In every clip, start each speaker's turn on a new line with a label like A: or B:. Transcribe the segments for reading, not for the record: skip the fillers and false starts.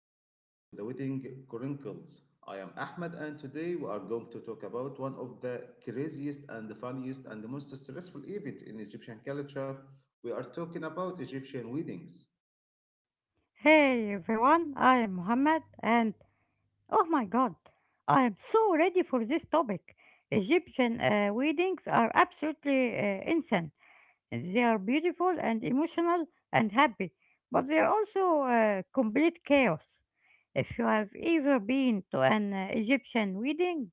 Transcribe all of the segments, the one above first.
A: and welcome to the Wedding Chronicles. I am Ahmed, and today we are going to talk about one of the craziest and funniest and most stressful event in Egyptian culture. We are talking about Egyptian weddings.
B: Hey everyone, I am Muhammad and oh my god, I am so ready for this topic. Egyptian weddings are absolutely insane. They are beautiful and emotional and happy, but they are also complete chaos. If you have ever been to an Egyptian wedding,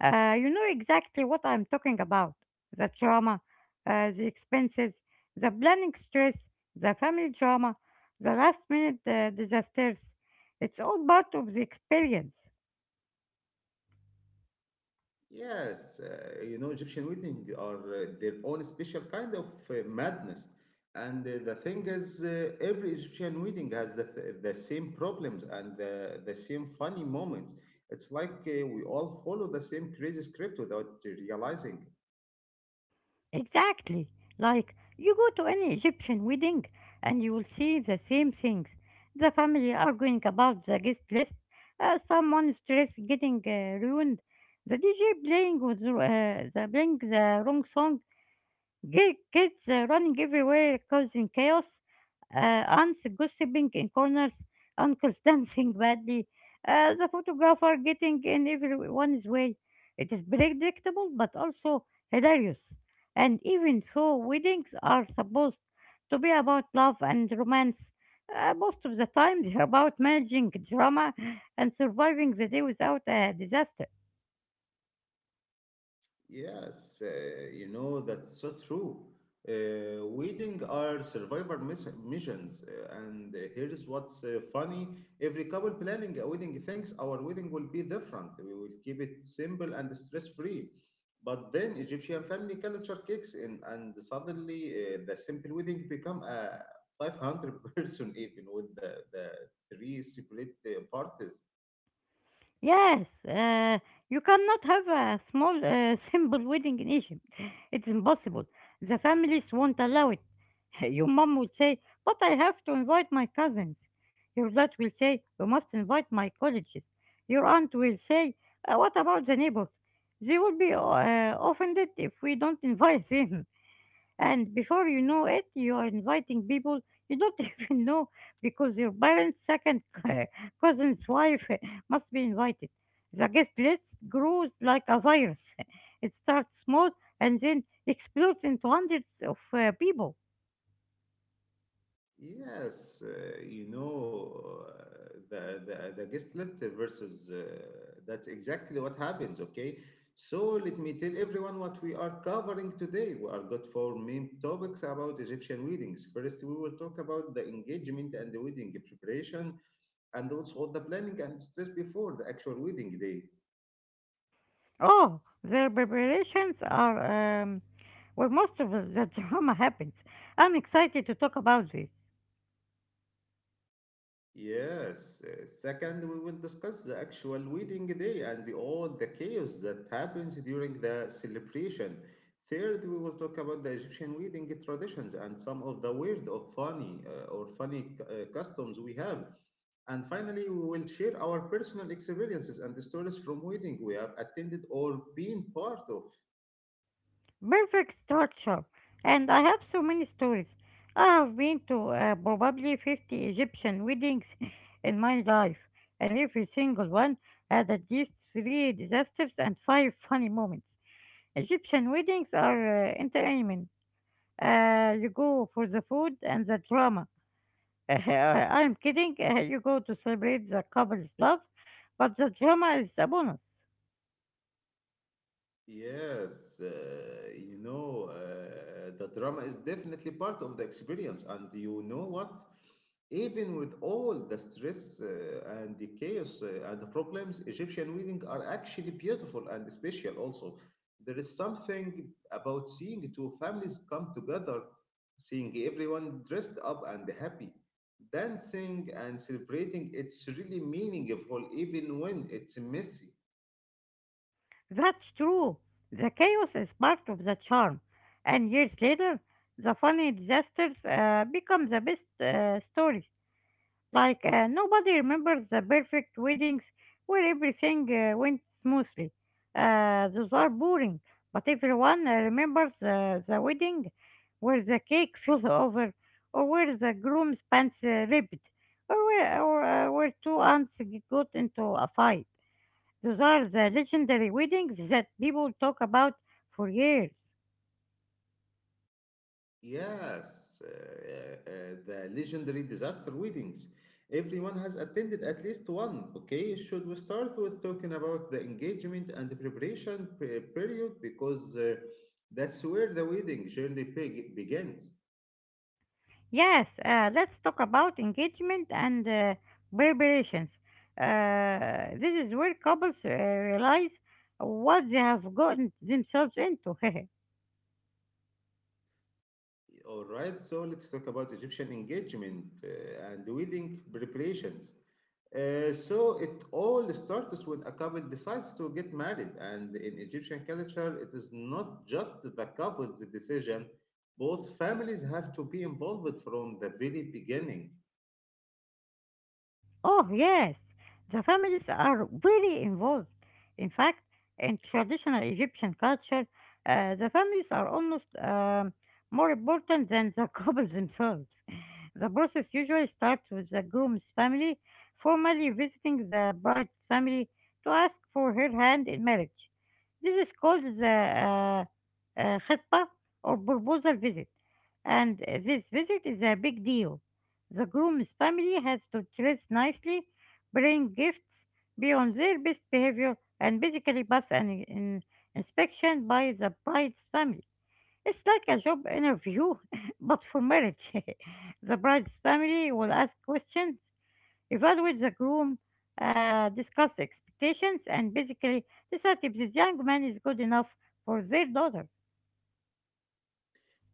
B: you know exactly what I'm talking about. The trauma, the expenses, the planning stress, the family drama, the last minute disasters. It's all part of the experience.
A: Yes, Egyptian wedding are their own special kind of madness. And the thing is, every Egyptian wedding has the same problems and the same funny moments. It's like we all follow the same crazy script without realizing.
B: Exactly. Like, you go to any Egyptian wedding and you will see the same things. The family arguing about the guest list, someone's dress getting ruined, the DJ playing with playing the wrong song, kids running everywhere, causing chaos. Aunts gossiping in corners, uncles dancing badly, the photographer getting in everyone's way. It is predictable but also hilarious. And even though weddings are supposed to be about love and romance, most of the time they're about managing drama and surviving the day without a disaster.
A: Yes, that's so true. Wedding are missions, and here's what's funny. Every couple planning a wedding thinks our wedding will be different. We will keep it simple and stress-free. But then Egyptian family culture kicks in, and suddenly the simple wedding become a 500 person even with the three separate parties.
B: Yes, you cannot have a small, simple wedding in Egypt. It's impossible. The families won't allow it. Your mom would say, "But I have to invite my cousins." Your dad will say, "You must invite my colleagues." Your aunt will say, "What about the neighbors? They will be offended if we don't invite them." And before you know it, you are inviting people you don't even know because your parents' second cousin's wife must be invited. The guest list grows like a virus. It starts small and then explodes into hundreds of people.
A: Yes, you know the guest list versus that's exactly what happens. Okay, so let me tell everyone what we are covering today. We are got four main topics about Egyptian weddings. First, we will talk about the engagement and the wedding preparation, and also all the planning and stress before the actual wedding day.
B: Oh, their preparations are um, where most of the drama happens. I'm excited to talk about this.
A: Yes. Second, we will discuss the actual wedding day and all the chaos that happens during the celebration. Third, we will talk about the Egyptian wedding traditions and some of the weird or funny customs we have. And finally, we will share our personal experiences and the stories from wedding we have attended or been part of.
B: Perfect structure. And I have so many stories. I have been to probably 50 Egyptian weddings in my life, and every single one had at least three disasters and five funny moments. Egyptian weddings are entertainment. You go for the food and the drama. I'm kidding, you go to celebrate the couple's love, but the drama is a bonus.
A: Yes, the drama is definitely part of the experience. And you know what? Even with all the stress and the chaos and the problems, Egyptian weddings are actually beautiful and special also. There is something about seeing two families come together, seeing everyone dressed up and happy, dancing and celebrating. It's really meaningful even when it's messy.
B: That's true. The chaos is part of the charm. And years later, the funny disasters become the best stories. Like, nobody remembers the perfect weddings where everything went smoothly. Those are boring. But everyone remembers the wedding where the cake fell over, or where the groom's pants ripped, or where two aunts got into a fight. Those are the legendary weddings that people talk about for years.
A: Yes, the legendary disaster weddings. Everyone has attended at least one. Okay, should we start with talking about the engagement and the period because that's where the wedding begins.
B: Yes, let's talk about engagement and preparations. This is where couples realize what they have gotten themselves into.
A: All right, so let's talk about Egyptian engagement and wedding preparations. So it all starts when a couple decides to get married, and in Egyptian culture, it is not just the couple's decision. Both families have to be involved from the very beginning.
B: Oh, yes, the families are very involved. In fact, in traditional Egyptian culture, the families are almost more important than the couples themselves. The process usually starts with the groom's family formally visiting the bride's family to ask for her hand in marriage. This is called the khitbah or proposal visit, and this visit is a big deal. The groom's family has to dress nicely, bring gifts, be on their best behavior, and basically pass an inspection by the bride's family. It's like a job interview, but for marriage. The bride's family will ask questions, evaluate the groom, discuss expectations, and basically decide if this young man is good enough for their daughter.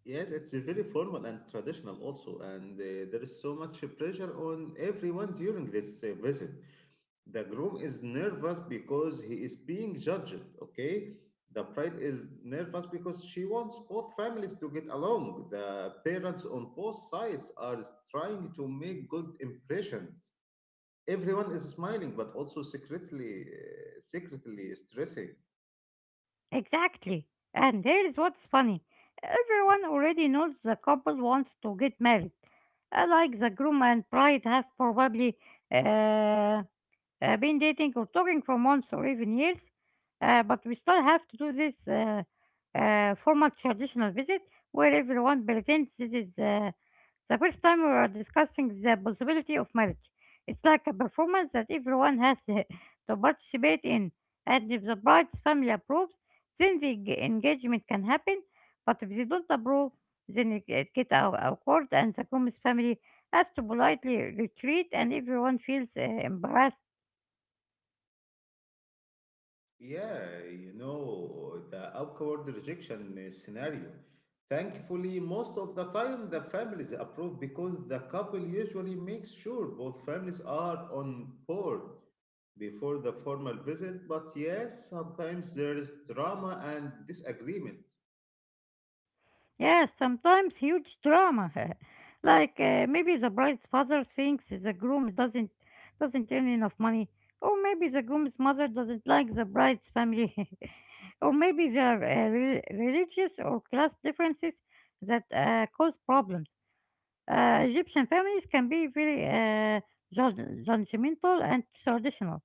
A: Yes, it's very formal and traditional also, and there is so much pressure on everyone during this visit. The groom is nervous because he is being judged. Okay, the bride is nervous because she wants both families to get along. The parents on both sides are trying to make good impressions. Everyone is smiling but also secretly stressing.
B: Exactly. And here's what's funny: everyone already knows the couple wants to get married. Like, the groom and bride have probably uh, been dating or talking for months or even years, but we still have to do this formal traditional visit where everyone pretends this is the first time we are discussing the possibility of marriage. It's like a performance that everyone has to participate in, and if the bride's family approves, then the engagement can happen, but if they don't approve, then it get awkward and the groom's family has to politely retreat and everyone feels embarrassed.
A: Yeah, you know, the awkward rejection scenario. Thankfully, most of the time the families approve because the couple usually makes sure both families are on board before the formal visit. But yes, sometimes there is drama and disagreement.
B: Yes, sometimes huge drama. Like, maybe the bride's father thinks the groom doesn't earn enough money, or maybe the groom's mother doesn't like the bride's family, or maybe there are religious or class differences that cause problems. Egyptian families can be very judgmental and traditional.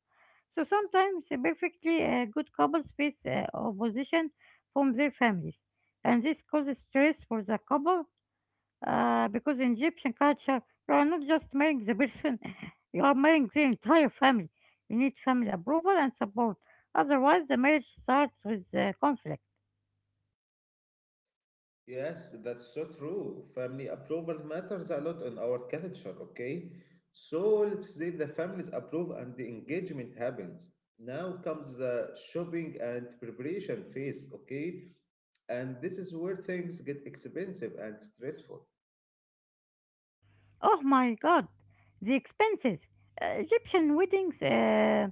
B: So sometimes the perfectly good couples face opposition from their families, and this causes stress for the couple because in Egyptian culture, you are not just marrying the person, you are marrying their entire family. You need family approval and support; otherwise, the marriage starts with conflict.
A: Yes, that's so true. Family approval matters a lot in our culture, okay? So let's say the families approve and the engagement happens. Now comes the shopping and preparation phase, okay? And this is where things get expensive and stressful.
B: Oh my god, the expenses! Uh, Egyptian weddings. Uh,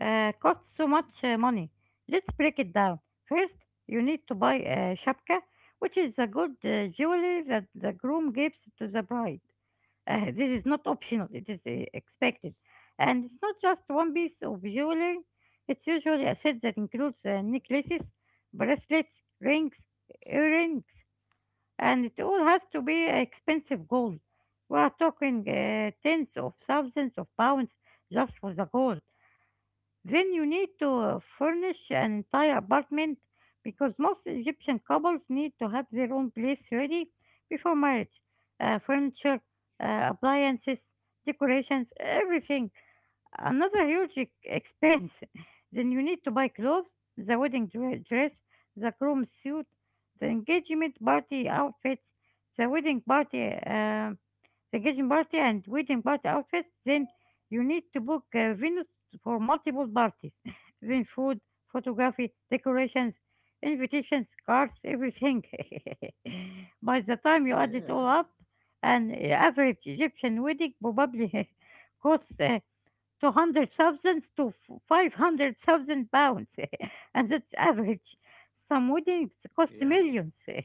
B: uh, costs so much money. Let's break it down. First, you need to buy a shapka, which is the good jewelry that the groom gives to the bride. This is not optional, it is expected. And it's not just one piece of jewelry, it's usually a set that includes necklaces, bracelets, rings, earrings, and it all has to be expensive gold. We are talking tens of thousands of pounds just for the gold. Then you need to furnish an entire apartment because most Egyptian couples need to have their own place ready before marriage. Furniture, appliances, decorations, everything. Another huge expense. Then you need to buy clothes, the wedding dress, the groom suit, the engagement party outfits, the wedding party. The kitchen party and wedding party outfits, then you need to book a venue for multiple parties. Then food, photography, decorations, invitations, cards, everything. By the time you add it all
A: Yeah,
B: up, an average Egyptian wedding probably costs 200,000 to 500,000 pounds. And that's average. Some weddings cost
A: yeah.
B: millions.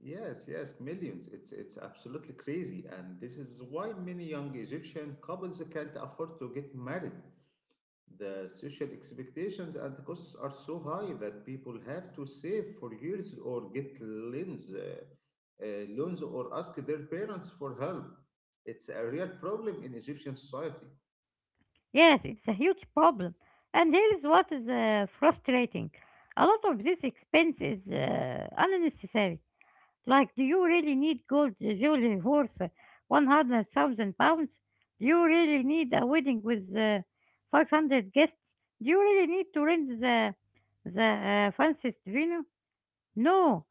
A: Yes, yes, millions. It's absolutely crazy, and this is why many young Egyptian couples can't afford to get married. The social expectations and the costs are so high that people have to save for years or get loans, or ask their parents for help. It's a real problem in Egyptian society.
B: Yes, it's a huge problem. And here is what is frustrating. A lot of this expense is unnecessary. Like, do you really need gold jewelry worth 100,000 pounds? Do you really need a wedding with 500 guests? Do you really need to rent the fanciest venue? No.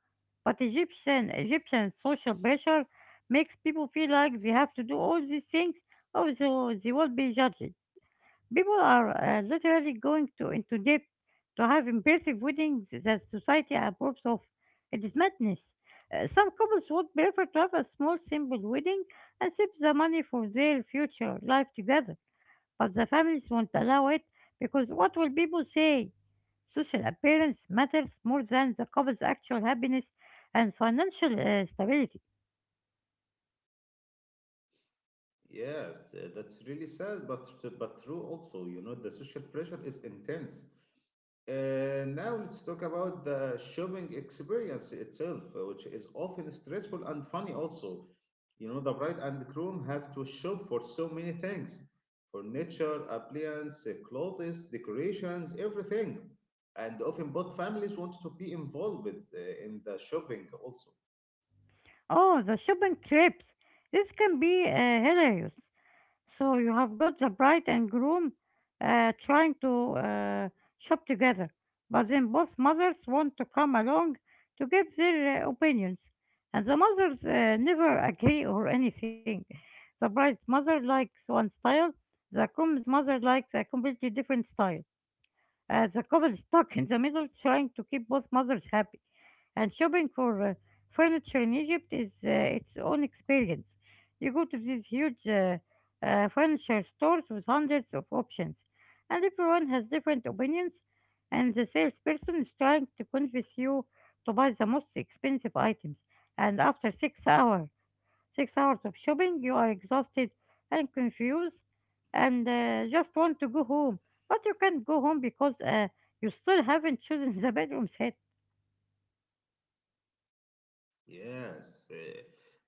B: But Egyptian social pressure makes people feel like they have to do all these things or they will be judged. People are literally going to into debt to have impressive weddings that society approves of. It is madness. Some couples would prefer to have a small, simple wedding and save the money for their future life together, but the families won't allow it because what will people say? Social appearance matters more than the couple's actual happiness and financial stability.
A: Yes, that's really sad, but true also. You know, the social pressure is intense. And now let's talk about the shopping experience itself, which is often stressful and funny also. You know, the bride and the groom have to shop for so many things: furniture, appliances, clothes, decorations, everything. And often both families want to be involved in the shopping also.
B: Oh, the shopping trips. This can be hilarious. So you have got the bride and groom trying to shop together, but then both mothers want to come along to give their opinions, and the mothers never agree or anything. The bride's mother likes one style, the groom's mother likes a completely different style. The couple stuck in the middle trying to keep both mothers happy. And shopping for furniture in Egypt is its own experience. You go to these huge furniture stores with hundreds of options, and everyone has different opinions, and the salesperson is trying to convince you to buy the most expensive items. And after 6 hours, 6 hours of shopping, you are exhausted and confused and just want to go home. But you can't go home because you still haven't chosen the bedroom set.
A: Yes,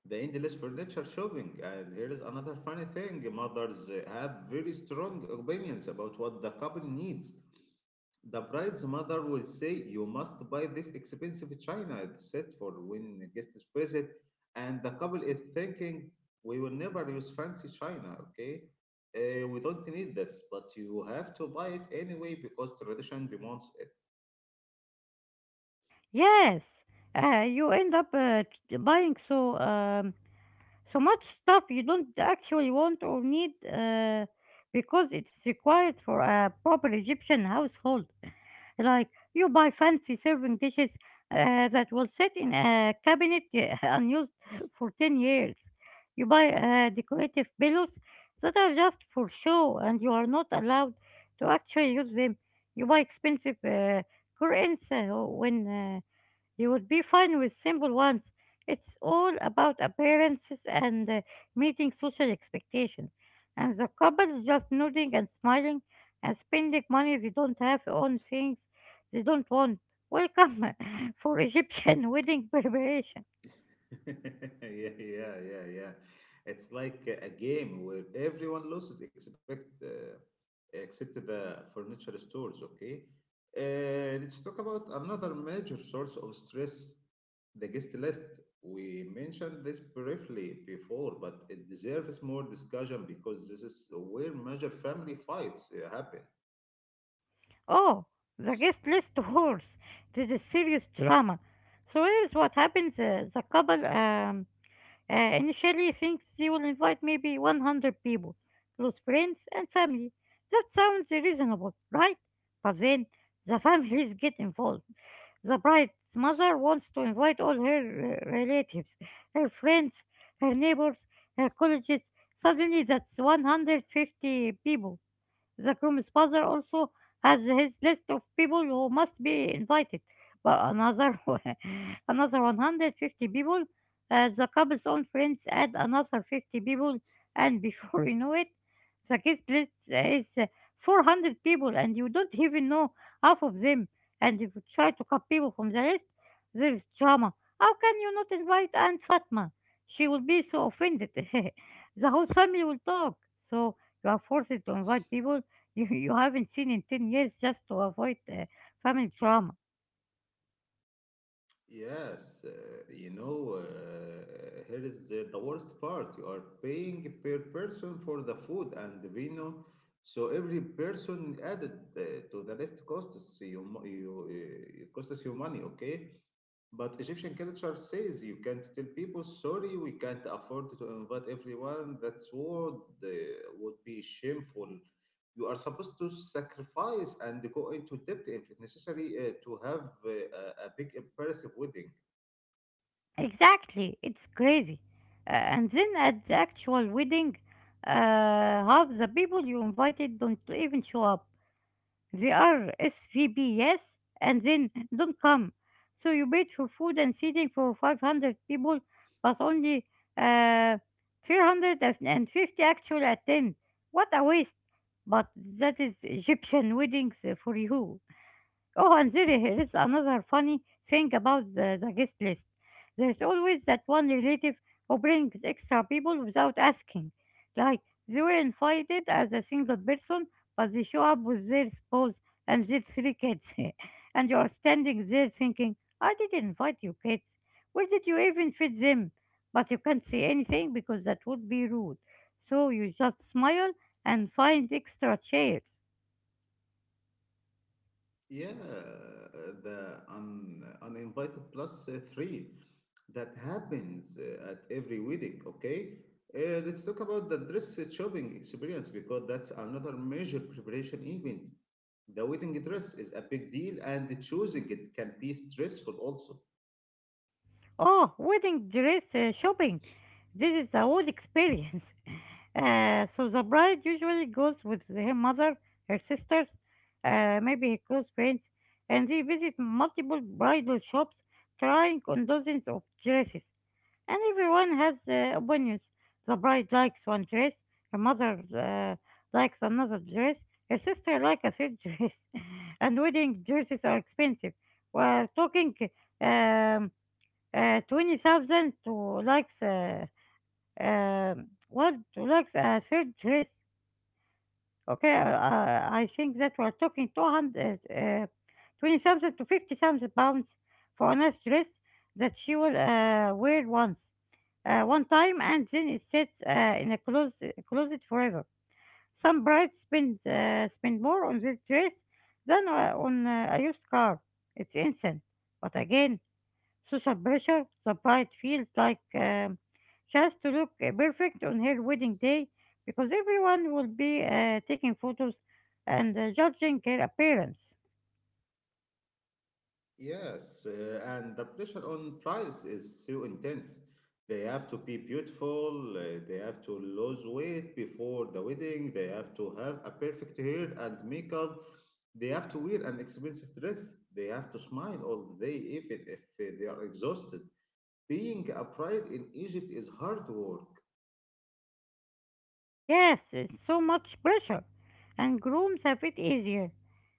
A: the endless furniture shopping. And here is another funny thing: mothers have very strong opinions about what the couple needs. The bride's mother will say, "You must buy this expensive china set for when guests visit." And the couple is thinking, "We will never use fancy china, okay? We don't need this," but you have to buy it anyway because tradition demands it.
B: Yes, you end up buying so so much stuff you don't actually want or need because it's required for a proper Egyptian household. Like, you buy fancy serving dishes that will sit in a cabinet unused for 10 years. You buy decorative pillows that are just for show and you are not allowed to actually use them. You buy expensive curtains when you would be fine with simple ones. It's all about appearances and meeting social expectations. And the couple's just nodding and smiling and spending money they don't have on things they don't want. Welcome for Egyptian wedding preparation.
A: Yeah, yeah, yeah, yeah. It's like a game where everyone loses except the furniture stores. Okay, let's talk about another major source of stress: the guest list. We mentioned this briefly before, but it deserves more discussion because this is where major family fights happen.
B: Oh, the guest list wars. This is serious drama. So here's what happens. The couple initially, thinks they will invite maybe 100 people, close friends and family. That sounds reasonable, right? But then the families get involved. The bride's mother wants to invite all her relatives, her friends, her neighbors, her colleges. Suddenly, that's 150 people. The groom's father also has his list of people who must be invited, but another another 150 people. The couple's own friends add another 50 people, and before you know it, the guest list is 400 people, and you don't even know half of them. And if you try to cut people from the list, there is drama. How can you not invite Aunt Fatma? She will be so offended. The whole family will talk. So you are forced to invite people you haven't seen in 10 years just to avoid family drama.
A: Yes, you know, uh, here is the worst part. You are paying per person for the food and the vino, so every person added uh, to the rest costs you mo- you it costs you money, okay? But Egyptian culture says you can't tell people, "Sorry, we can't afford to invite everyone." That's what uh, would be shameful. You are supposed to sacrifice and go into debt if necessary to have a big impressive wedding.
B: Exactly, it's crazy. And then at the actual wedding, half the people you invited don't even show up. They are SVP, yes, and then don't come. So you paid for food and seating for 500 people, but only uh, 350 actually attend. What a waste! But that is Egyptian weddings for you. Oh, and there here is another funny thing about the guest list. There's always that one relative who brings extra people without asking. Like, they were invited as a single person, but they show up with their spouse and their three kids. And you're standing there thinking, I didn't invite you kids. Where did you even fit them? But you can't say anything because that would be rude. So you just smile and find extra chairs.
A: Yeah, the uninvited plus three. That happens at every wedding. Okay, let's talk about the dress shopping experience because that's another major preparation event. The wedding dress is a big deal, and choosing it can be stressful also.
B: Oh, wedding dress shopping. This is the whole experience. So the bride usually goes with her mother, her sisters, maybe her close friends, and they visit multiple bridal shops trying on dozens of dresses. And everyone has opinions. The bride likes one dress, her mother likes another dress, her sister likes a third dress. And wedding dresses are expensive. We're talking um, 20,000 to likes. Want to like a third race. Okay, I think that we're talking 20,000 to 50,000 pounds for a nice dress that she will wear once, one time, and then it sits in a closet forever. Some brides spend more on their dress than on a used car. It's insane. But again, social pressure, the bride feels like she has to look perfect on her wedding day because everyone will be taking photos and judging her appearance.
A: Yes, and the pressure on price is so intense. They have to be beautiful, they have to lose weight before the wedding, they have to have a perfect hair and makeup, they have to wear an expensive dress, they have to smile all day even if they are exhausted. Being a bride in Egypt is hard work.
B: Yes, it's so much pressure, and grooms a bit easier.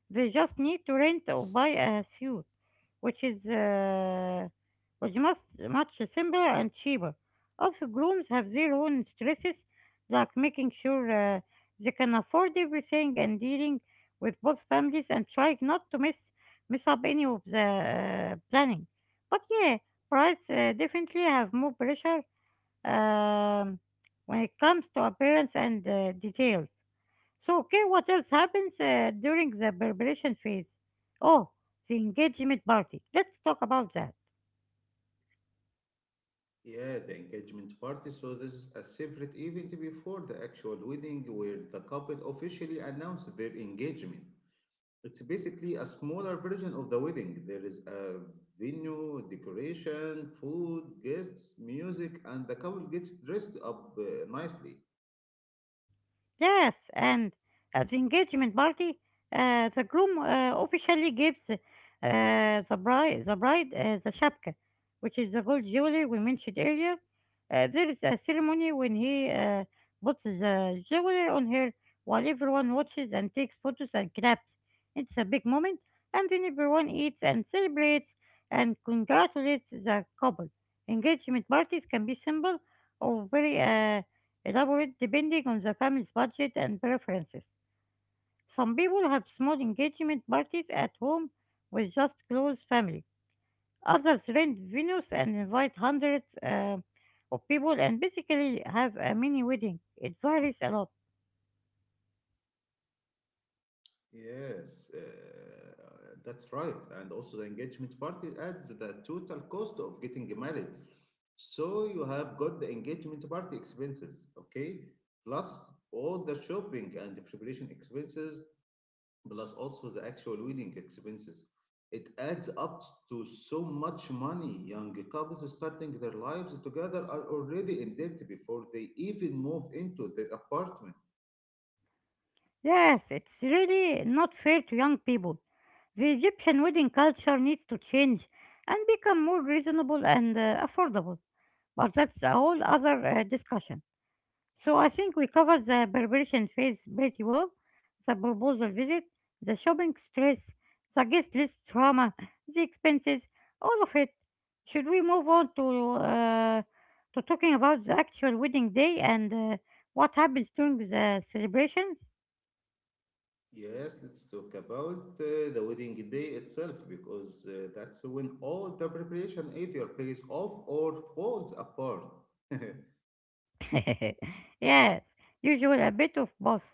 B: They just need to rent or buy a suit, which is which must much simpler and cheaper. Also, grooms have their own stresses, like making sure they can afford everything and dealing with both families and trying not to miss up any of the planning. But yeah, brides definitely have more pressure um, when it comes to appearance and details. So, okay, what else happens during the preparation phase? Oh, the engagement party. Let's talk about that.
A: Yeah, the engagement party, so there's a separate event before the actual wedding where the couple officially announce their engagement. It's basically a smaller version of the wedding. There is a venue, decoration, food, guests, music, and the couple gets dressed up nicely.
B: Yes, and at the engagement party, the groom officially gives the bride the shapka, which is the gold jewelry we mentioned earlier. There is a ceremony when he puts the jewelry on her while everyone watches and takes photos and claps. It's a big moment, and then everyone eats and celebrates and congratulates the couple. Engagement parties can be simple or very elaborate depending on the family's budget and preferences. Some people have small engagement parties at home with just close family. Others rent venues and invite hundreds of people and basically have a mini wedding. It varies a lot.
A: Yes, that's right. And also, the engagement party adds the total cost of getting married. So, you have got the engagement party expenses, okay? Plus all the shopping and the preparation expenses, plus also the actual wedding expenses. It adds up to so much money. Young couples starting their lives together are already in debt before they even move into their apartment.
B: Yes, it's really not fair to young people. The Egyptian wedding culture needs to change and become more reasonable and affordable. But that's a whole other discussion. So I think we covered the preparation phase pretty well, the proposal visit, the shopping stress, the guest list trauma, the expenses, all of it. Should we move on to talking about the actual wedding day and what happens during the celebrations?
A: Yes, let's talk about the wedding day itself because that's when all the preparation either pays off or falls apart.
B: Yes, usually a bit of both.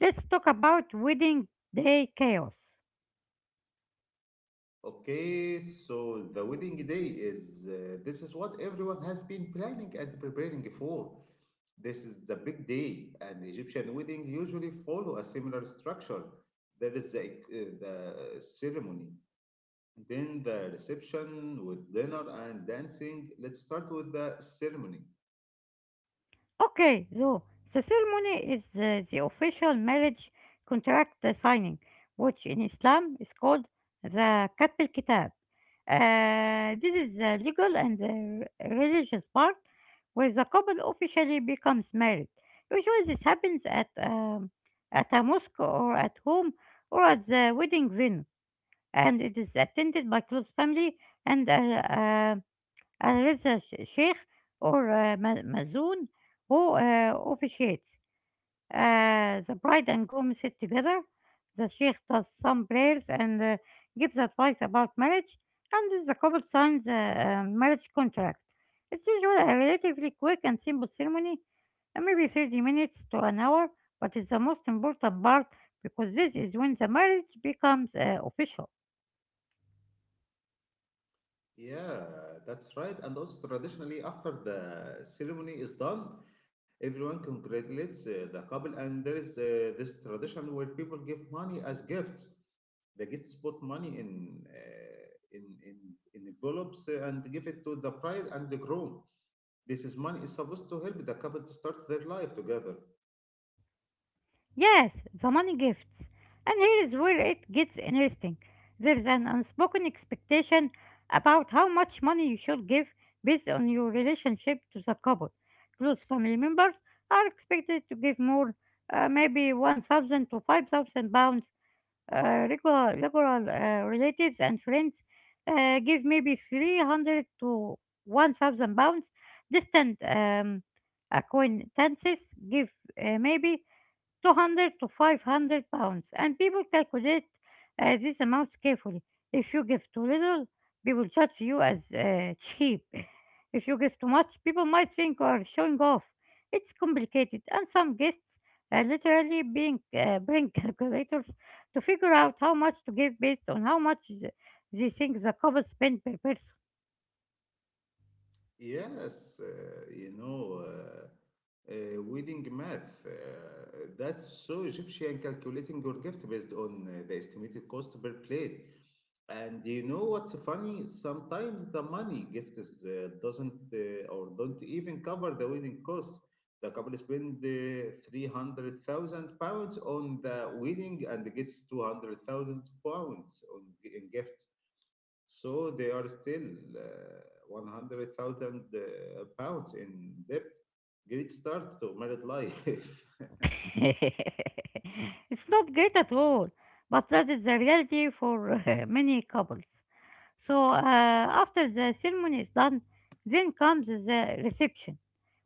B: Let's talk about wedding day chaos.
A: Okay, so the wedding day is this is what everyone has been planning and preparing for. This is the big day, and Egyptian wedding usually follow a similar structure. There is the ceremony, then the reception with dinner and dancing. Let's start with the ceremony.
B: Okay, so the ceremony is the official marriage contract signing, which in Islam is called the Katb al Kitab. This is the legal and the religious part where the couple officially becomes married. Usually, this happens at a mosque or at home or at the wedding venue, and it is attended by close family and uh, أنا لسه ش شيخ or آه، م مأذون who officiates. The bride and groom sit together. The sheikh does some prayers and gives advice about marriage, and the couple signs a marriage contract. It's usually a relatively quick and simple ceremony, maybe 30 minutes to an hour, but it's the most important part because this is when the marriage becomes official.
A: Yeah, that's right. And also, traditionally, after the ceremony is done, everyone congratulates the couple, and there is this tradition where people give money as gifts. The guests put money in in envelopes and give it to the bride and the groom. This is money is supposed to help the couple to start their life together.
B: Yes, the money gifts. And here is where it gets interesting. There's an unspoken expectation about how much money you should give based on your relationship to the couple. Close family members are expected to give more, maybe 1,000 to 5,000 pounds. Regular relatives and friends give maybe 300 to 1,000 pounds. Distant acquaintances give maybe 200 to 500 pounds, and people calculate these amounts carefully. If you give too little, people judge you as cheap. If you give too much, people might think you are showing off. It's complicated, and some guests literally bring calculators to figure out how much to give based on how much they think the couple spend per person.
A: Yes, wedding math. That's so Egyptian, calculating your gift based on the estimated cost per plate. And you know what's funny? Sometimes the money gift is, doesn't or don't even cover the wedding cost. The couple spend 300,000 pounds on the wedding and gets 200,000 pounds in gift. So they are still 100,000 pounds in debt. Great start to married life.
B: It's not great at all, but that is the reality for many couples. So after the ceremony is done, then comes the reception,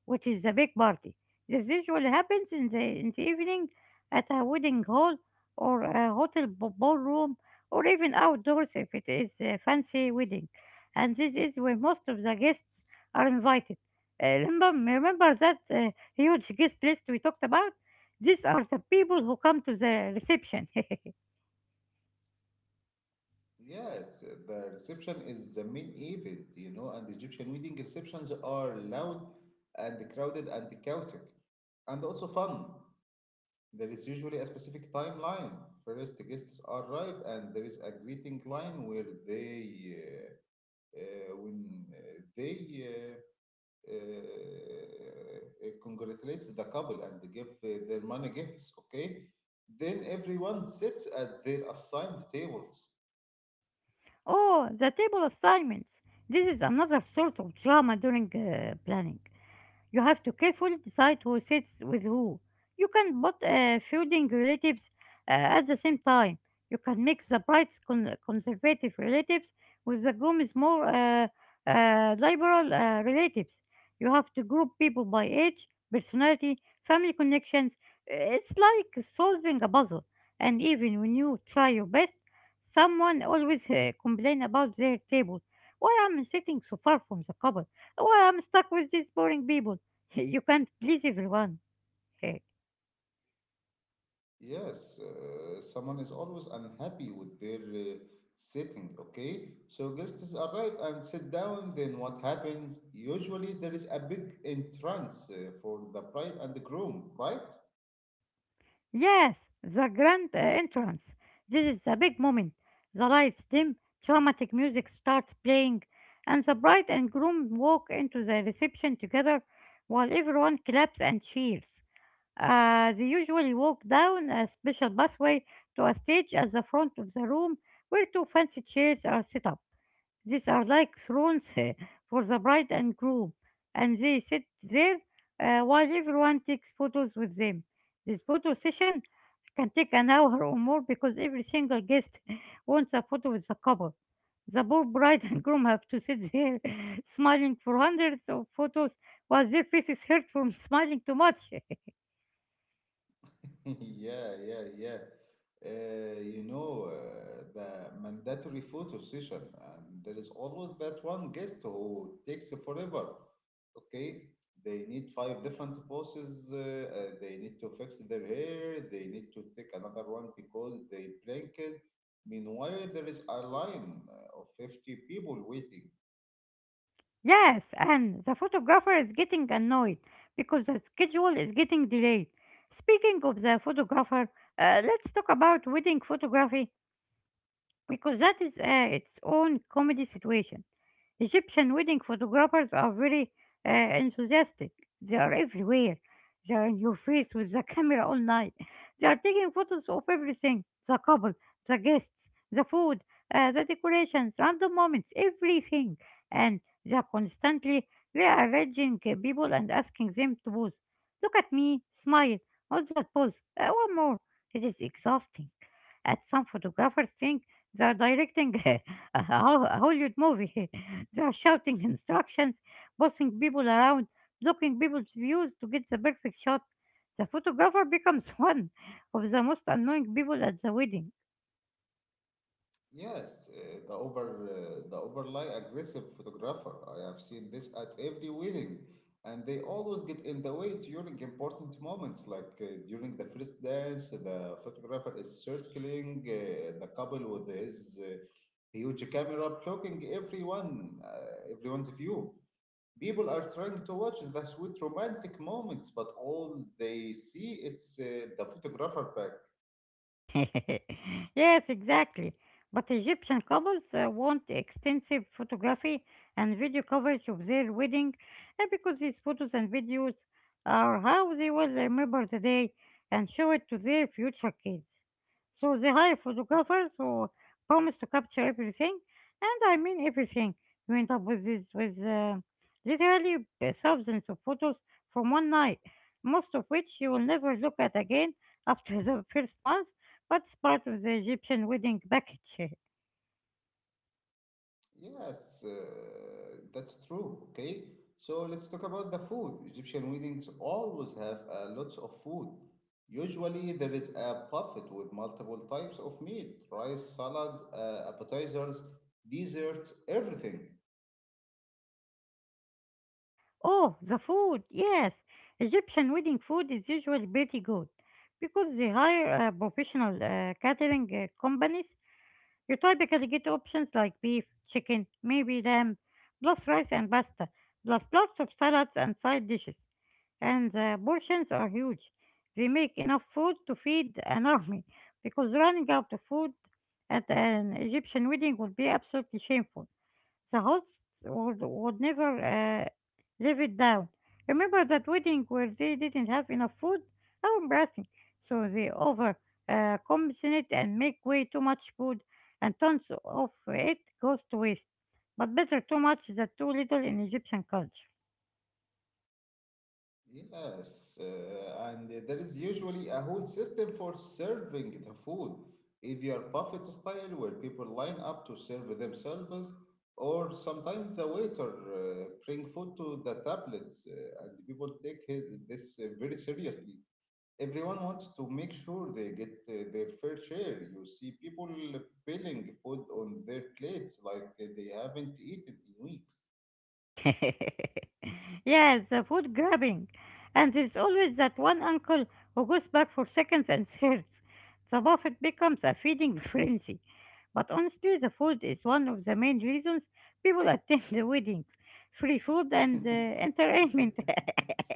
B: which is the big party. This usually happens in the evening at a wedding hall or a hotel ballroom or even outdoors if it is a fancy wedding. And this is where most of the guests are invited. Remember that huge guest list we talked about? These are the people who come to the reception.
A: Yes, the reception is the main event, you know, and the Egyptian wedding receptions are loud and crowded and chaotic, and also fun. There is usually a specific timeline. First, the guests arrive, and there is a greeting line where they, when they congratulates the couple and give their money gifts, okay? Then everyone sits at their assigned tables.
B: Oh, the table assignments. This is another source of drama during planning. You have to carefully decide who sits with who. You can put feuding relatives at the same time. You can mix the bright conservative relatives with the gloom more liberal relatives. You have to group people by age, personality, family connections. It's like solving a puzzle. And even when you try your best, someone always complain about their table. Why am I sitting so far from the couple? Why I'm stuck with these boring people? You can't please everyone. Eh,
A: Yes, someone is always unhappy with their sitting, okay? So guests arrive and sit down. Then what happens? Usually there is a big entrance for the bride and the groom, right?
B: Yes, the grand entrance. This is the big moment. The lights dim, dramatic music starts playing, and the bride and groom walk into the reception together while everyone claps and cheers. They usually walk down a special pathway to a stage at the front of the room where two fancy chairs are set up. These are like thrones for the bride and groom, and they sit there while everyone takes photos with them. This photo session can take an hour or more because every single guest wants a photo with the couple. The poor bride and groom have to sit there smiling for hundreds of photos while their faces hurt from smiling too much.
A: Yeah, yeah, yeah. You know, the mandatory photo session, and there is always that one guest who takes forever. Okay, they need five different poses, they need to fix their hair, they need to take another one because they blinked. Meanwhile, there is a line of 50 people waiting.
B: Yes, and the photographer is getting annoyed because the schedule is getting delayed. Speaking of the photographer, let's talk about wedding photography because that is its own comedy situation. Egyptian wedding photographers are very enthusiastic. They are everywhere. They are in your face with the camera all night. They are taking photos of everything the couple, the guests, the food, the decorations, random moments, everything. And they are constantly rearranging people and asking them to pose. Look at me, smile, what's that pose? One more. It is exhausting and some photographers think they are directing a Hollywood movie. They are shouting instructions, bossing people around, blocking people's views to get the perfect shot. The photographer becomes one of the most annoying people at the wedding.
A: Yes, the overly aggressive photographer. I have seen this at every wedding, and they always get in the way during important moments, like during the first dance. The photographer is circling the couple with his huge camera, blocking everyone, everyone's view. People are trying to watch the sweet romantic moments, but all they see it's the photographer back.
B: Yes, exactly. But Egyptian couples want extensive photography and video coverage of their wedding because these photos and videos are how they will remember the day and show it to their future kids. So they hire photographers who promise to capture everything, and I mean everything. You end up with this with literally thousands of photos from one night, most of which you will never look at again after the first month. What's part of the Egyptian wedding package?
A: Yes, uh, that's true. Okay, so let's talk about the food. Egyptian weddings always have lots of food. Usually, there is a buffet with multiple types of meat, rice, salads, appetizers, desserts, everything.
B: Oh, the food. Yes, Egyptian wedding food is usually pretty good because they hire professional catering companies. You typically get options like beef, chicken, maybe lamb, plus rice and pasta, plus lots of salads and side dishes. And the portions are huge. They make enough food to feed an army because running out of food at an Egyptian wedding would be absolutely shameful. The hosts would never live it down. Remember that wedding where they didn't have enough food? How embarrassing. So they over compensate and make way too much food, and tons of it goes to waste. But better too much than too little in Egyptian culture.
A: Yes, and there is usually a whole system for serving the food, if you are buffet style, where people line up to serve themselves, or sometimes the waiter bring food to the tablets, and people take his this very seriously. Everyone wants to make sure they get their fair share. You see people piling food on their plates like they haven't eaten in weeks.
B: Yes, the food grabbing. And there's always that one uncle who goes back for seconds and thirds. The buffet becomes a feeding frenzy. But honestly, the food is one of the main reasons people attend the weddings. Free food and entertainment.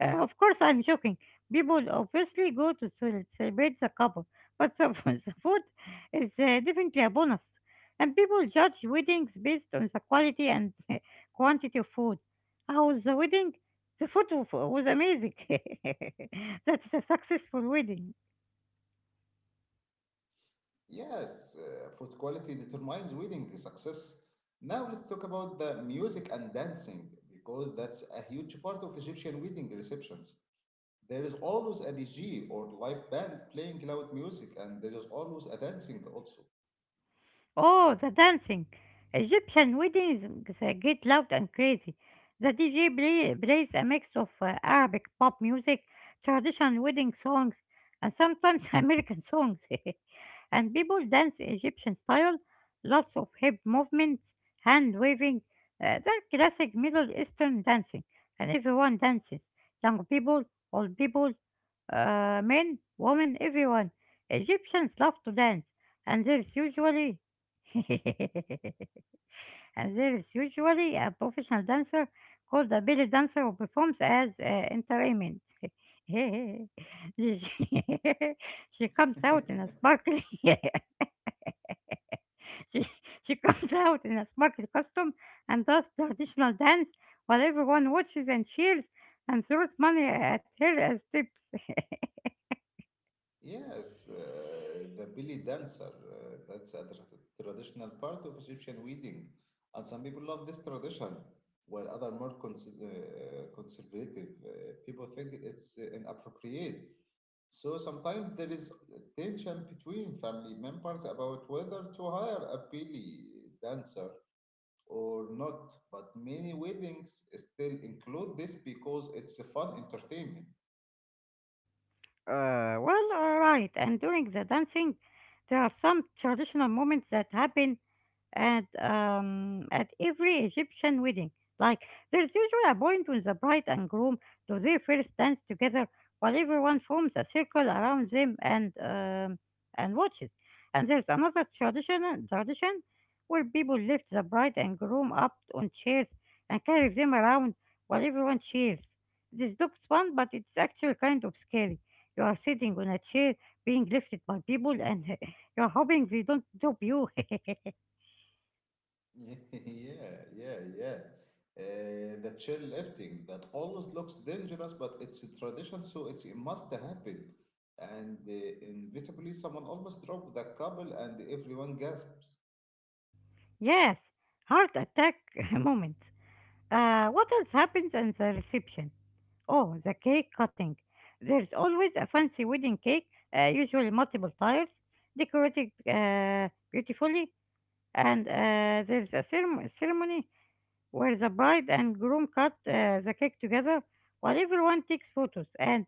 B: Of course, I'm joking. People obviously go to celebrate the couple, but the food is definitely a bonus. And people judge weddings based on the quality and quantity of food. How was the wedding? The food was amazing. That's a successful wedding.
A: Yes, food quality determines wedding success. Now let's talk about the music and dancing because that's a huge part of Egyptian wedding receptions. There is always a DJ or live band playing loud music, and there is always a dancing also.
B: Oh, the dancing. Egyptian weddings get loud and crazy. The DJ plays a mix of Arabic pop music, traditional wedding songs, and sometimes American songs. And people dance Egyptian style, lots of hip movements, hand waving. They're classic Middle Eastern dancing, and everyone dances. Young people, old people, men, women, everyone. Egyptians love to dance, and there's usually And There is usually a professional dancer called a belly dancer who performs as entertainment. she, she comes out in a sparkly She comes out in a sparkly costume and does the traditional dance while everyone watches and cheers and throws money at her as tips.
A: Yes, the belly dancer. That's a traditional part of Egyptian wedding, and some people love this tradition, while other more conservative people think it's inappropriate. So sometimes there is tension between family members about whether to hire a belly dancer or not. But many weddings still include this because it's a fun entertainment.
B: And during the dancing, there are some traditional moments that happen at every Egyptian wedding. Like there's usually a point when the bride and groom do their first dance together, while everyone forms a circle around them and watches. And there's another tradition where people lift the bride and groom up on chairs and carry them around while everyone cheers. This looks fun, but it's actually kind of scary. You are sitting on a chair being lifted by people and you're hoping they don't drop you.
A: Yeah, yeah, yeah, yeah. The chairlifting that always looks dangerous, but it's a tradition, so it must happen. And inevitably, someone almost dropped the couple, and everyone gasps.
B: Yes, heart attack moments. What else happens in the reception? Oh, the cake cutting. There's always a fancy wedding cake, usually multiple tiers, decorated beautifully, and there's a ceremony where the bride and groom cut the cake together while everyone takes photos and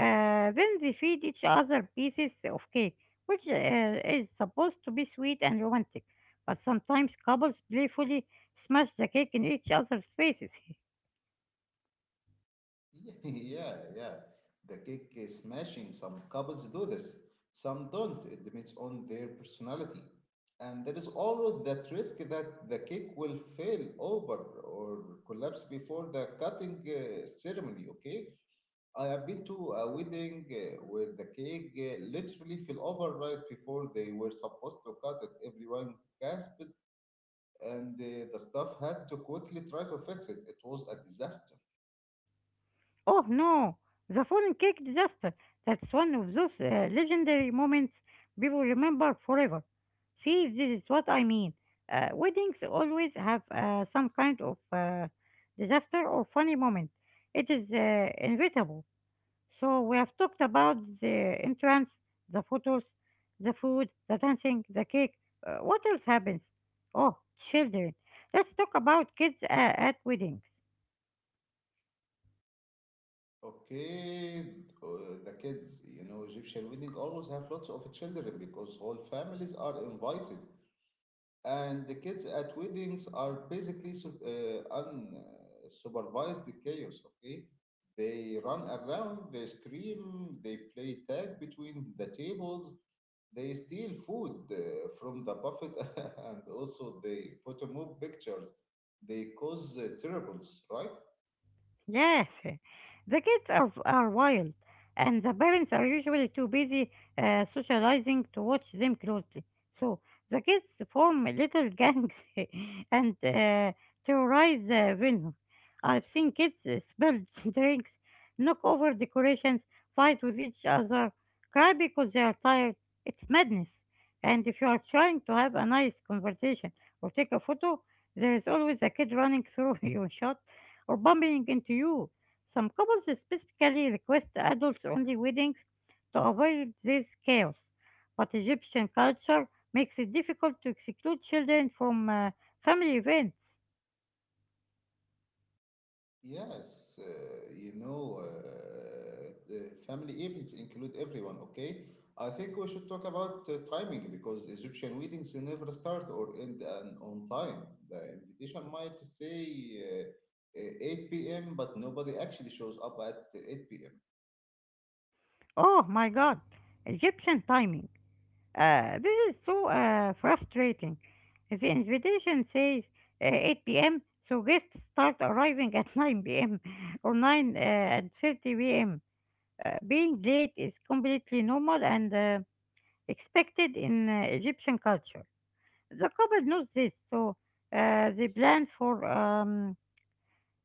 B: then they feed each other pieces of cake, which is supposed to be sweet and romantic. But sometimes couples playfully smash the cake in each other's faces.
A: Yeah, yeah, yeah. The cake is smashing. Some couples do this, some don't. It depends on their personality. And there is always that risk that the cake will fail over or collapse before the cutting ceremony, okay? I have been to a wedding where the cake literally fell over right before they were supposed to cut it. Everyone gasped, and the staff had to quickly try to fix it. It was a disaster.
B: Oh no, the fallen cake disaster. That's one of those legendary moments people remember forever. See, this is what I mean. Weddings always have some kind of disaster or funny moment. It is inevitable. So we have talked about the entrance, the photos, the food, the dancing, the cake. What else happens? Oh, children. Let's talk about kids at weddings.
A: Okay, uh, the kids, you know, Egyptian wedding always have lots of children because whole families are invited, and the kids at weddings are basically unsupervised chaos. Okay, they run around, they scream, they play tag between the tables, they steal food from the buffet, and also they photo move pictures. They cause troubles, right?
B: Yes, the kids are wild, and the parents are usually too busy socializing to watch them closely. So the kids form little gangs and terrorize the venue. I've seen kids spill drinks, knock over decorations, fight with each other, cry because they are tired. It's madness. And if you are trying to have a nice conversation or take a photo, there is always a kid running through your shot or bumping into you. Some couples specifically request adults only weddings to avoid this chaos, but Egyptian culture makes it difficult to exclude children from family events.
A: Yes, you know, the family events include everyone, okay? I think we should talk about timing because Egyptian weddings never start or end on time. The invitation might say 8 p.m., but nobody actually shows up at 8 p.m.
B: Oh my god, Egyptian timing. This is so frustrating. The invitation says 8 p.m., so guests start arriving at 9 p.m. or 9 and 30 p.m. Being late is completely normal and expected in Egyptian culture. The couple knows this, so uh, they plan for um,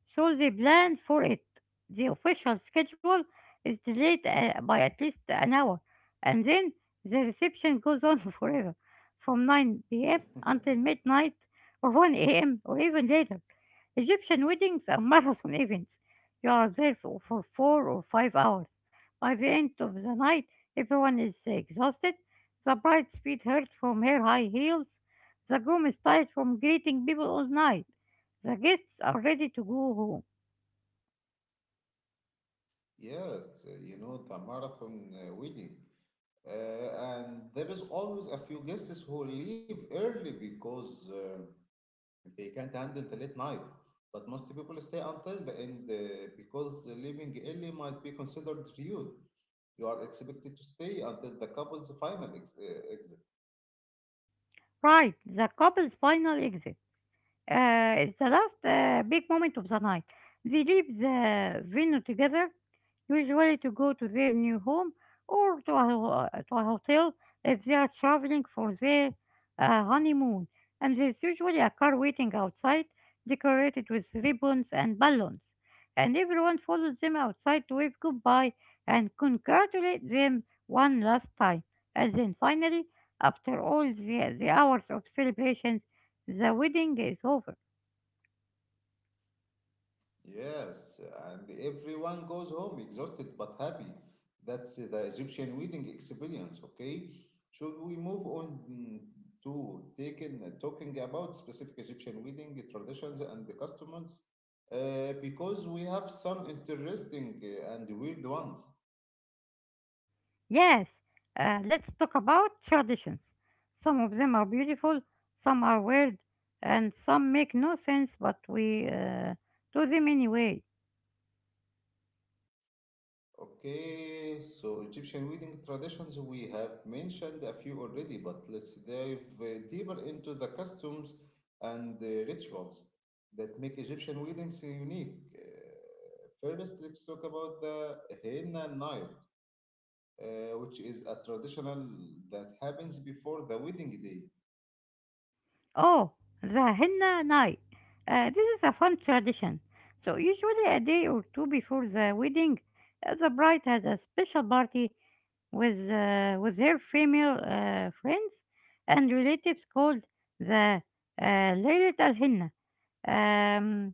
B: they planned for it. The official schedule is delayed by at least an hour, and then the reception goes on forever, from 9 p.m. until midnight or 1 a.m. or even later. Egyptian weddings are marathon events. You are there for four or five hours. By the end of the night, everyone is exhausted. The bride's feet hurt from her high heels. The groom is tired from greeting people all night. The guests are ready to go home.
A: Yes, you know, the marathon wedding. And there is always a few guests who leave early because they can't handle the late night, but most people stay until the end because leaving early might be considered rude. You are expected to stay until the couple's final exit.
B: Right, the couple's final exit. It's the last big moment of the night. They leave the venue together, usually to go to their new home or to a hotel if they are traveling for their honeymoon. And there's usually a car waiting outside, decorated with ribbons and balloons. And everyone follows them outside to wave goodbye and congratulate them one last time. And then finally, after all the hours of celebrations, the wedding is over.
A: Yes, and everyone goes home exhausted but happy. That's the Egyptian wedding experience, okay? Should we move on to talking about specific Egyptian wedding traditions and the customs? Because we have some interesting and weird ones.
B: Yes, let's talk about traditions. Some of them are beautiful, some are weird, and some make no sense, but we do them anyway.
A: Okay, so Egyptian wedding traditions, we have mentioned a few already, but let's dive deeper into the customs and the rituals that make Egyptian weddings unique. First, let's talk about the henna night, which is a traditional that happens before the wedding day.
B: Oh, the henna night. This is a fun tradition. So, usually a day or two before the wedding, the bride has a special party with her female friends and relatives called the Laylat al Henna. Um,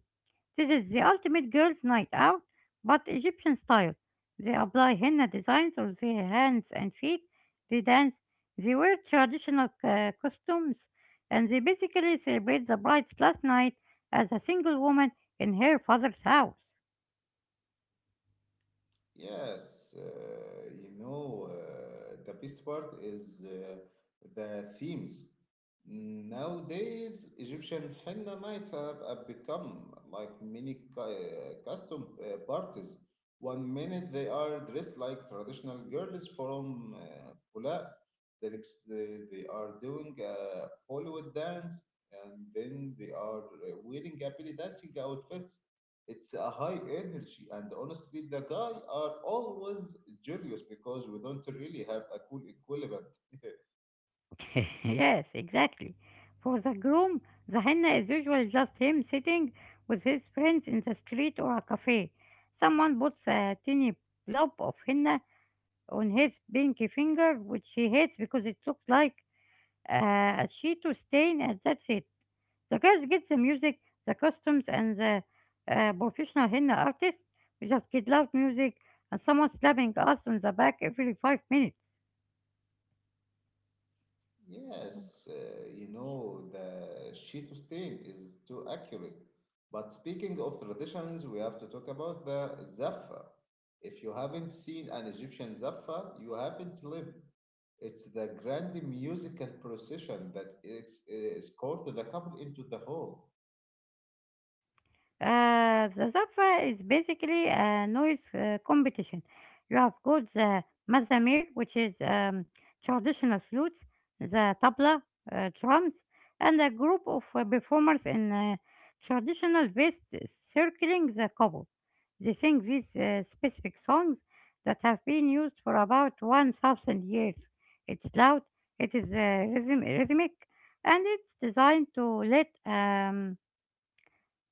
B: This is the ultimate girls' night out, but Egyptian style. They apply henna designs on their hands and feet, they dance, they wear traditional costumes, and they basically celebrate the bride's last night as a single woman in her father's house.
A: Yes, you know, the best part is the themes. Nowadays, Egyptian henna nights have become like mini custom parties. One minute they are dressed like traditional girls from Pula. The next day they are doing a Bollywood dance, and then they are wearing happily dancing outfits. It's a high energy, and honestly, the guy are always jealous because we don't really have a cool equivalent.
B: Yes, exactly. For the groom, the henna is usually just him sitting with his friends in the street or a cafe. Someone puts a tiny blob of henna on his pinky finger, which he hates because it looks like a Cheeto stain, and that's it. The girls get the music, the costumes, and the professional henna artists. We just get loud music and someone slapping us on the back every five minutes.
A: Yes, you know, the Shih Tzu stain is too accurate. But speaking of traditions, we have to talk about the Zaffa. If you haven't seen an Egyptian Zaffa, you haven't lived. It's the grand musical procession that is, escorted the couple into the hall.
B: The Zapfa is basically a noise competition. You have got the mazamir, which is traditional flutes, the tabla, drums, and a group of performers in traditional vests circling the kobo. They sing these specific songs that have been used for about 1,000 years. It's loud, it is rhythmic, and it's designed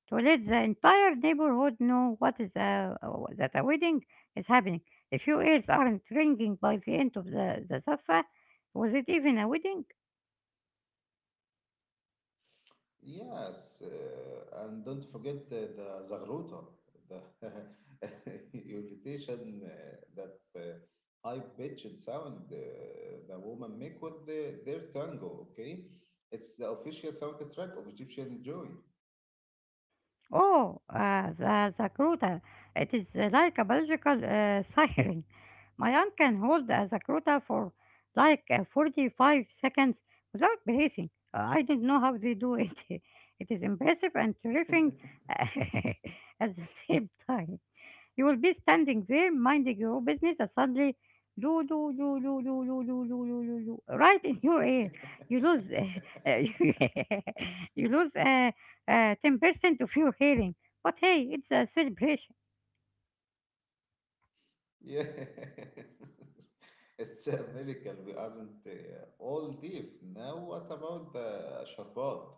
B: to let the entire neighborhood know that a wedding is happening. If your ears aren't ringing by the end of the Safa. Was it even a wedding?
A: Yes, and don't forget the Zagruta, the irritation that high-pitched sound the woman make with their tango. Okay, it's the official soundtrack of Egyptian joy.
B: Oh, the Zakruta. It is like a biological siren. My aunt can hold a Zakruta for like 45 seconds without breathing. I don't know how they do it. It is impressive and terrifying at the same time. You will be standing there minding your own business and suddenly loo loo loo loo loo loo loo loo loo loo loo right in your ear. You lose uh, you lose 10% of your hearing. But hey, it's a celebration.
A: Yeah, it's a miracle. We aren't all deaf now. What about the sharbat?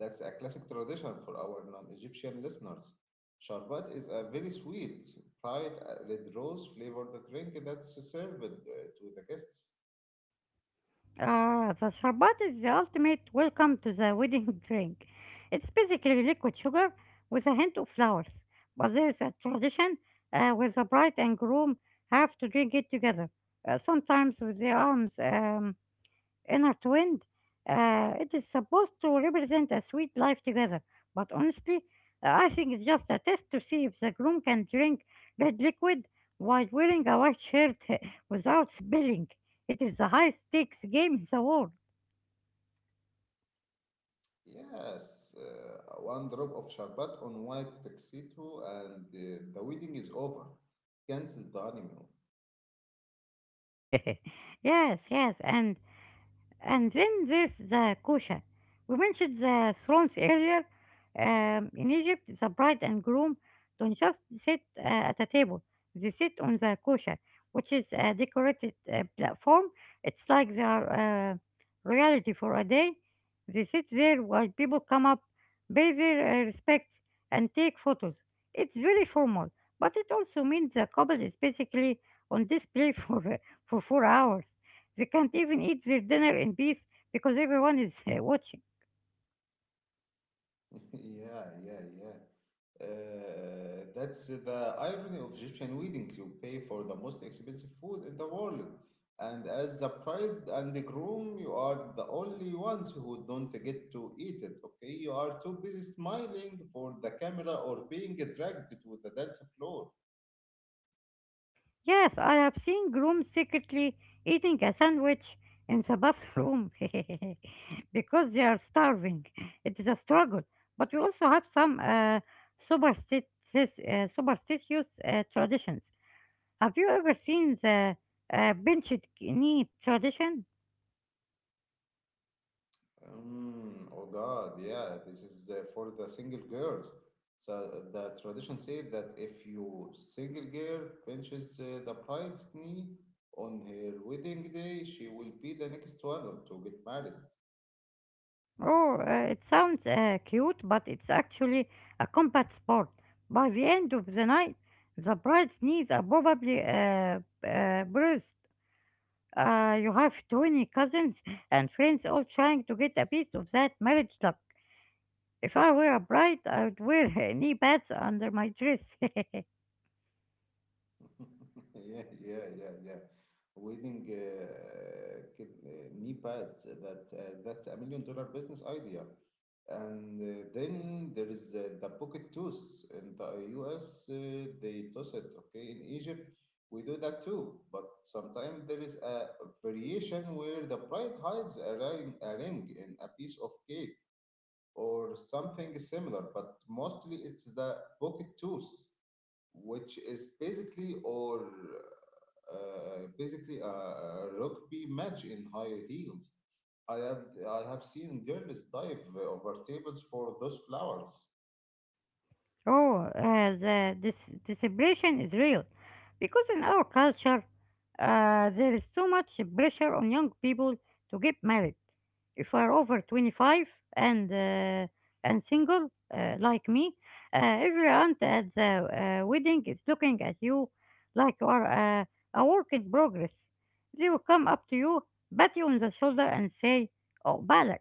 A: That's a classic tradition for our non-Egyptian listeners. Sharbat is a very sweet, bright red rose flavored drink that's served to the guests.
B: Ah, the sharbat is the ultimate welcome to the wedding drink. It's basically liquid sugar with a hint of flowers. But there's a tradition where the bride and groom have to drink it together, sometimes with their arms. Inner twin. It is supposed to represent a sweet life together, but honestly, I think it's just a test to see if the groom can drink red liquid while wearing a white shirt without spilling. It is the high stakes game in the world.
A: Yes, one drop of sharbat on white tuxedo and the wedding is over. Cancel the honeymoon.
B: Yes, and then there's the kosher. We mentioned the thrones earlier. In Egypt, the bride and groom don't just sit at a table, they sit on the kosher, which is a decorated platform. It's like their reality for a day. They sit there while people come up, pay their respects, and take photos. It's very formal, but it also means the couple is basically on display for four hours. They can't even eat their dinner in peace because everyone is watching.
A: Yeah, yeah, yeah. That's the irony of Egyptian weddings. You pay for the most expensive food in the world, and as the bride and the groom, you are the only ones who don't get to eat it. Okay, you are too busy smiling for the camera or being dragged to the dance floor.
B: Yes, I have seen grooms secretly eating a sandwich in the bathroom because they are starving. It is a struggle. But we also have some superstitious traditions. Have you ever seen the benched knee tradition?
A: Mm, oh God, yeah, this is for the single girls. So the tradition said that if you single girl pinches the bride's knee on her wedding day, she will be the next one to get married.
B: Oh, it sounds cute, but it's actually a combat sport. By the end of the night, the bride's knees are probably bruised. You have 20 cousins and friends all trying to get a piece of that marriage luck. If I were a bride, I would wear knee pads under my dress.
A: Yeah, yeah, yeah, yeah. Wedding knee pads. That's a million dollar business idea. And then there is the pocket tooth. In the US, they toss it. Okay, in Egypt, we do that too. But sometimes there is a variation where the bride hides a ring in a piece of cake or something similar. But mostly it's the pocket tooth which is basically or basically a rugby match in high heels. I have I have seen girls dive over tables for those flowers.
B: Oh, the, this, the celebration is real because in our culture, there is so much pressure on young people to get married. If you are over 25 and uh, and single like me, every aunt at the wedding is looking at you like you are uh, a work in progress. They will come up to you, pat you on the shoulder, and say, "Oh, balak,"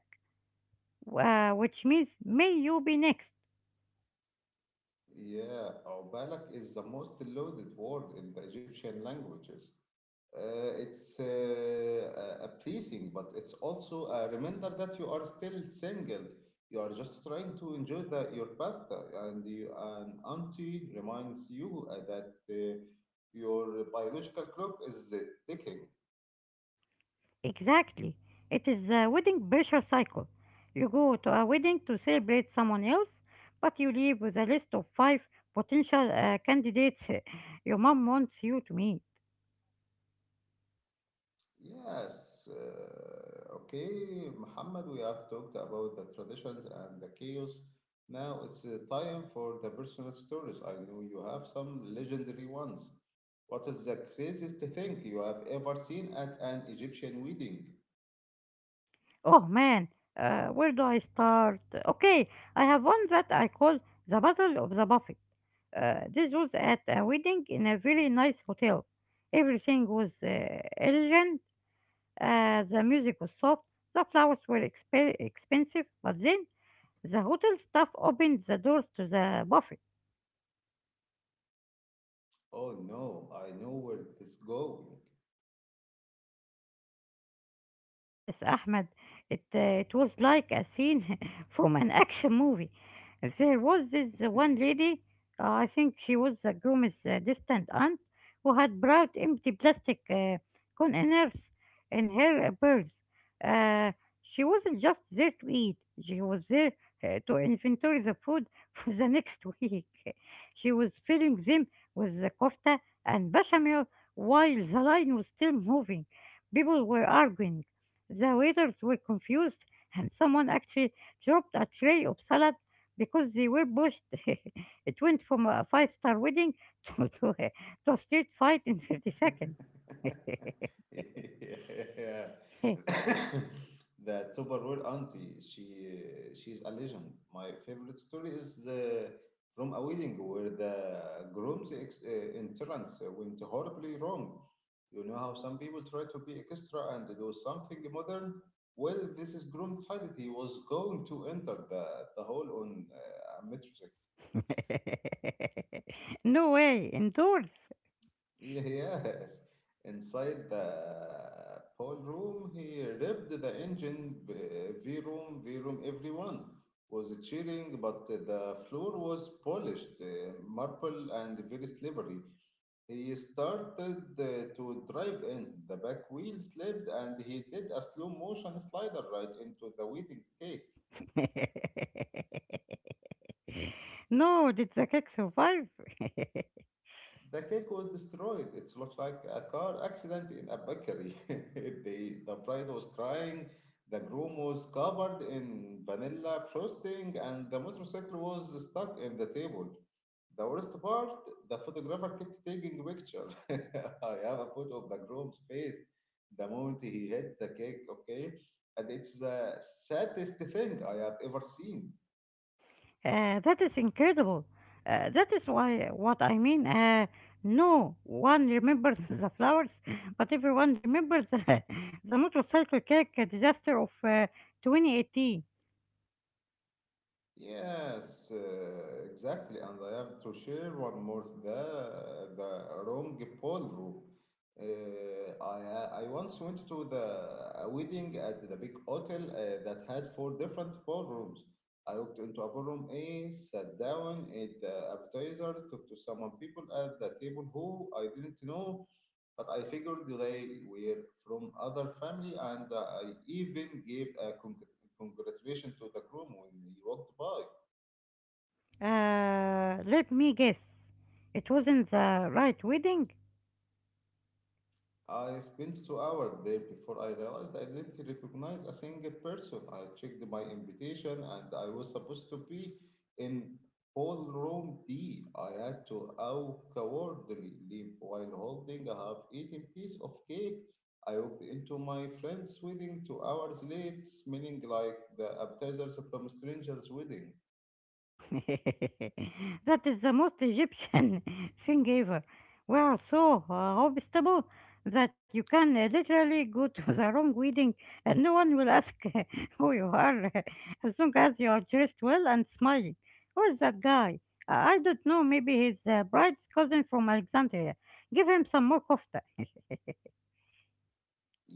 B: which means "May you be next."
A: Yeah, Obalak is the most loaded word in the Egyptian languages. It's a pleasing, but it's also a reminder that you are still single. You are just trying to enjoy your pasta, and you, an auntie reminds you that your biological clock is ticking.
B: Exactly. It is a wedding pressure cycle. You go to a wedding to celebrate someone else, but you leave with a list of five potential candidates your mom wants you to meet.
A: Yes, okay, Muhammad, we have talked about the traditions and the chaos. Now it's time for the personal stories. I know you have some legendary ones. What is the craziest thing you have ever seen at an Egyptian wedding?
B: Oh man, where do I start? Okay, I have one that I call the Battle of the Buffet. This was at a wedding in a very nice hotel. Everything was elegant, the music was soft, the flowers were expensive, but then the hotel staff opened the doors to the buffet.
A: Oh no, I know where this is going.
B: Yes, Ahmed, it was like a scene from an action movie. There was this one lady, I think she was the groom's distant aunt, who had brought empty plastic containers in her purse. Uh, she wasn't just there to eat, she was there to inventory the food for the next week. She was filling them with the kofta and bechamel while the line was still moving. People were arguing, the waiters were confused, and someone actually dropped a tray of salad because they were pushed. It went from a five-star wedding to, to, a, to a street fight in 30 seconds.
A: yeah. That overall auntie, she's a legend. My favorite story is the from a wedding where the groom's entrance went horribly wrong. You know how some people try to be extra and do something modern. Well, this is groom decided he was going to enter the hall on a metro.
B: No way, indoors.
A: Yes. Inside the ballroom, he revved the engine. V-room, V-room, everyone was cheering, but the floor was polished, marble, and very slippery. He started to drive in. The back wheel slipped, and he did a slow motion slider right into the wedding cake.
B: No, did the cake survive?
A: The cake was destroyed. It looked like a car accident in a bakery. The bride was crying, the groom was covered in vanilla frosting, and the motorcycle was stuck in the table. The worst part, the photographer kept taking pictures. I have a photo of the groom's face the moment he hit the cake, okay? And it's the saddest thing I have ever seen.
B: That is incredible. That is why what I mean. No one remembers the flowers, but everyone remembers the motorcycle cake disaster of 2018.
A: Yes, exactly. And I have to share one more the wrong ballroom. I once went to the a wedding at the big hotel that had four different ballrooms. I walked into a ballroom A, sat down, ate the appetizer, talked to some people at the table who I didn't know, but I figured they were from other family, and I even gave a congratulation to the groom when he walked by.
B: Let me guess, it wasn't the right wedding.
A: I spent 2 hours there before I realized I didn't recognize a single person. I checked my invitation and I was supposed to be in Hallroom D. I had to out cowardly leave while holding a half eaten piece of cake. I walked into my friend's wedding 2 hours late, smelling like the appetizers from a stranger's wedding.
B: That is the most Egyptian thing ever. We are so obstable that you can literally go to the wrong wedding and no one will ask who you are as long as you are dressed well and smiling. Who is that guy? I don't know. Maybe he's bride's cousin from Alexandria. Give him some more kofta.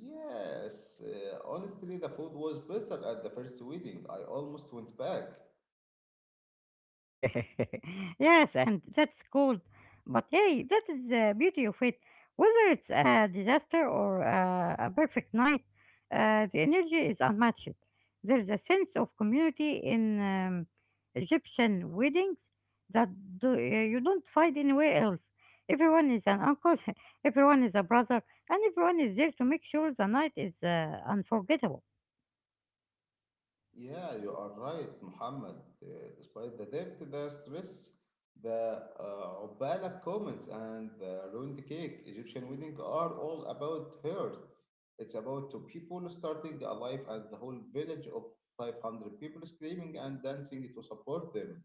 A: Yes, honestly, the food was better at the first wedding. I almost went back.
B: Yes, and that's cool. But hey, that is the beauty of it. Whether it's a disaster or a perfect night, the energy is unmatched. There is a sense of community in Egyptian weddings that you don't find anywhere else. Everyone is an uncle, everyone is a brother, and everyone is there to make sure the night is unforgettable.
A: Yeah, you are right, Muhammad. Uh, Despite the debt, the stress, the عبالك comments, and the ruined cake, Egyptian wedding are all about hers. It's about two people starting a life and the whole village of 500 people screaming and dancing to support them.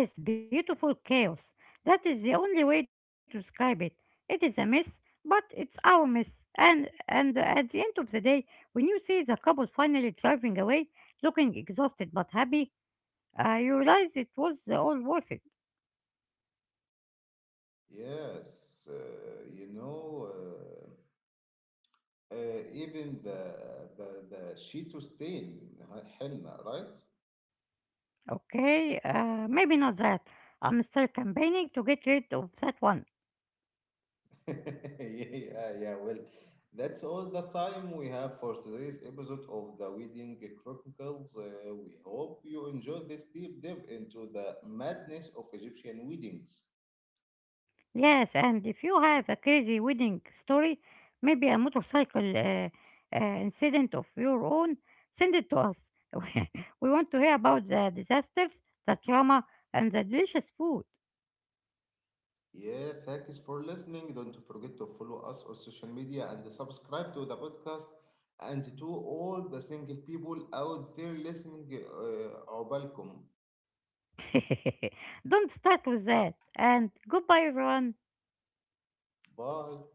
B: It is beautiful chaos. That is the only way to describe it. It is a mess, but it's our mess. And at the end of the day, when you see the couple finally driving away, looking exhausted but happy, you realize it was all worth it.
A: Yes, even the Shito stain, henna, right?
B: Okay, maybe not that. I'm still campaigning to get rid of that one.
A: Yeah, yeah. Well, that's all the time we have for today's episode of the Wedding Chronicles. We hope you enjoyed this deep dive into the madness of Egyptian weddings.
B: Yes, and if you have a crazy wedding story, maybe a motorcycle incident of your own, send it to us. We want to hear about the disasters, the trauma, and the delicious food.
A: Yeah, thanks for listening. Don't forget to follow us on social media and subscribe to the podcast. And to all the single people out there listening, عقبالكم.
B: Don't start with that. And goodbye, everyone.
A: Bye.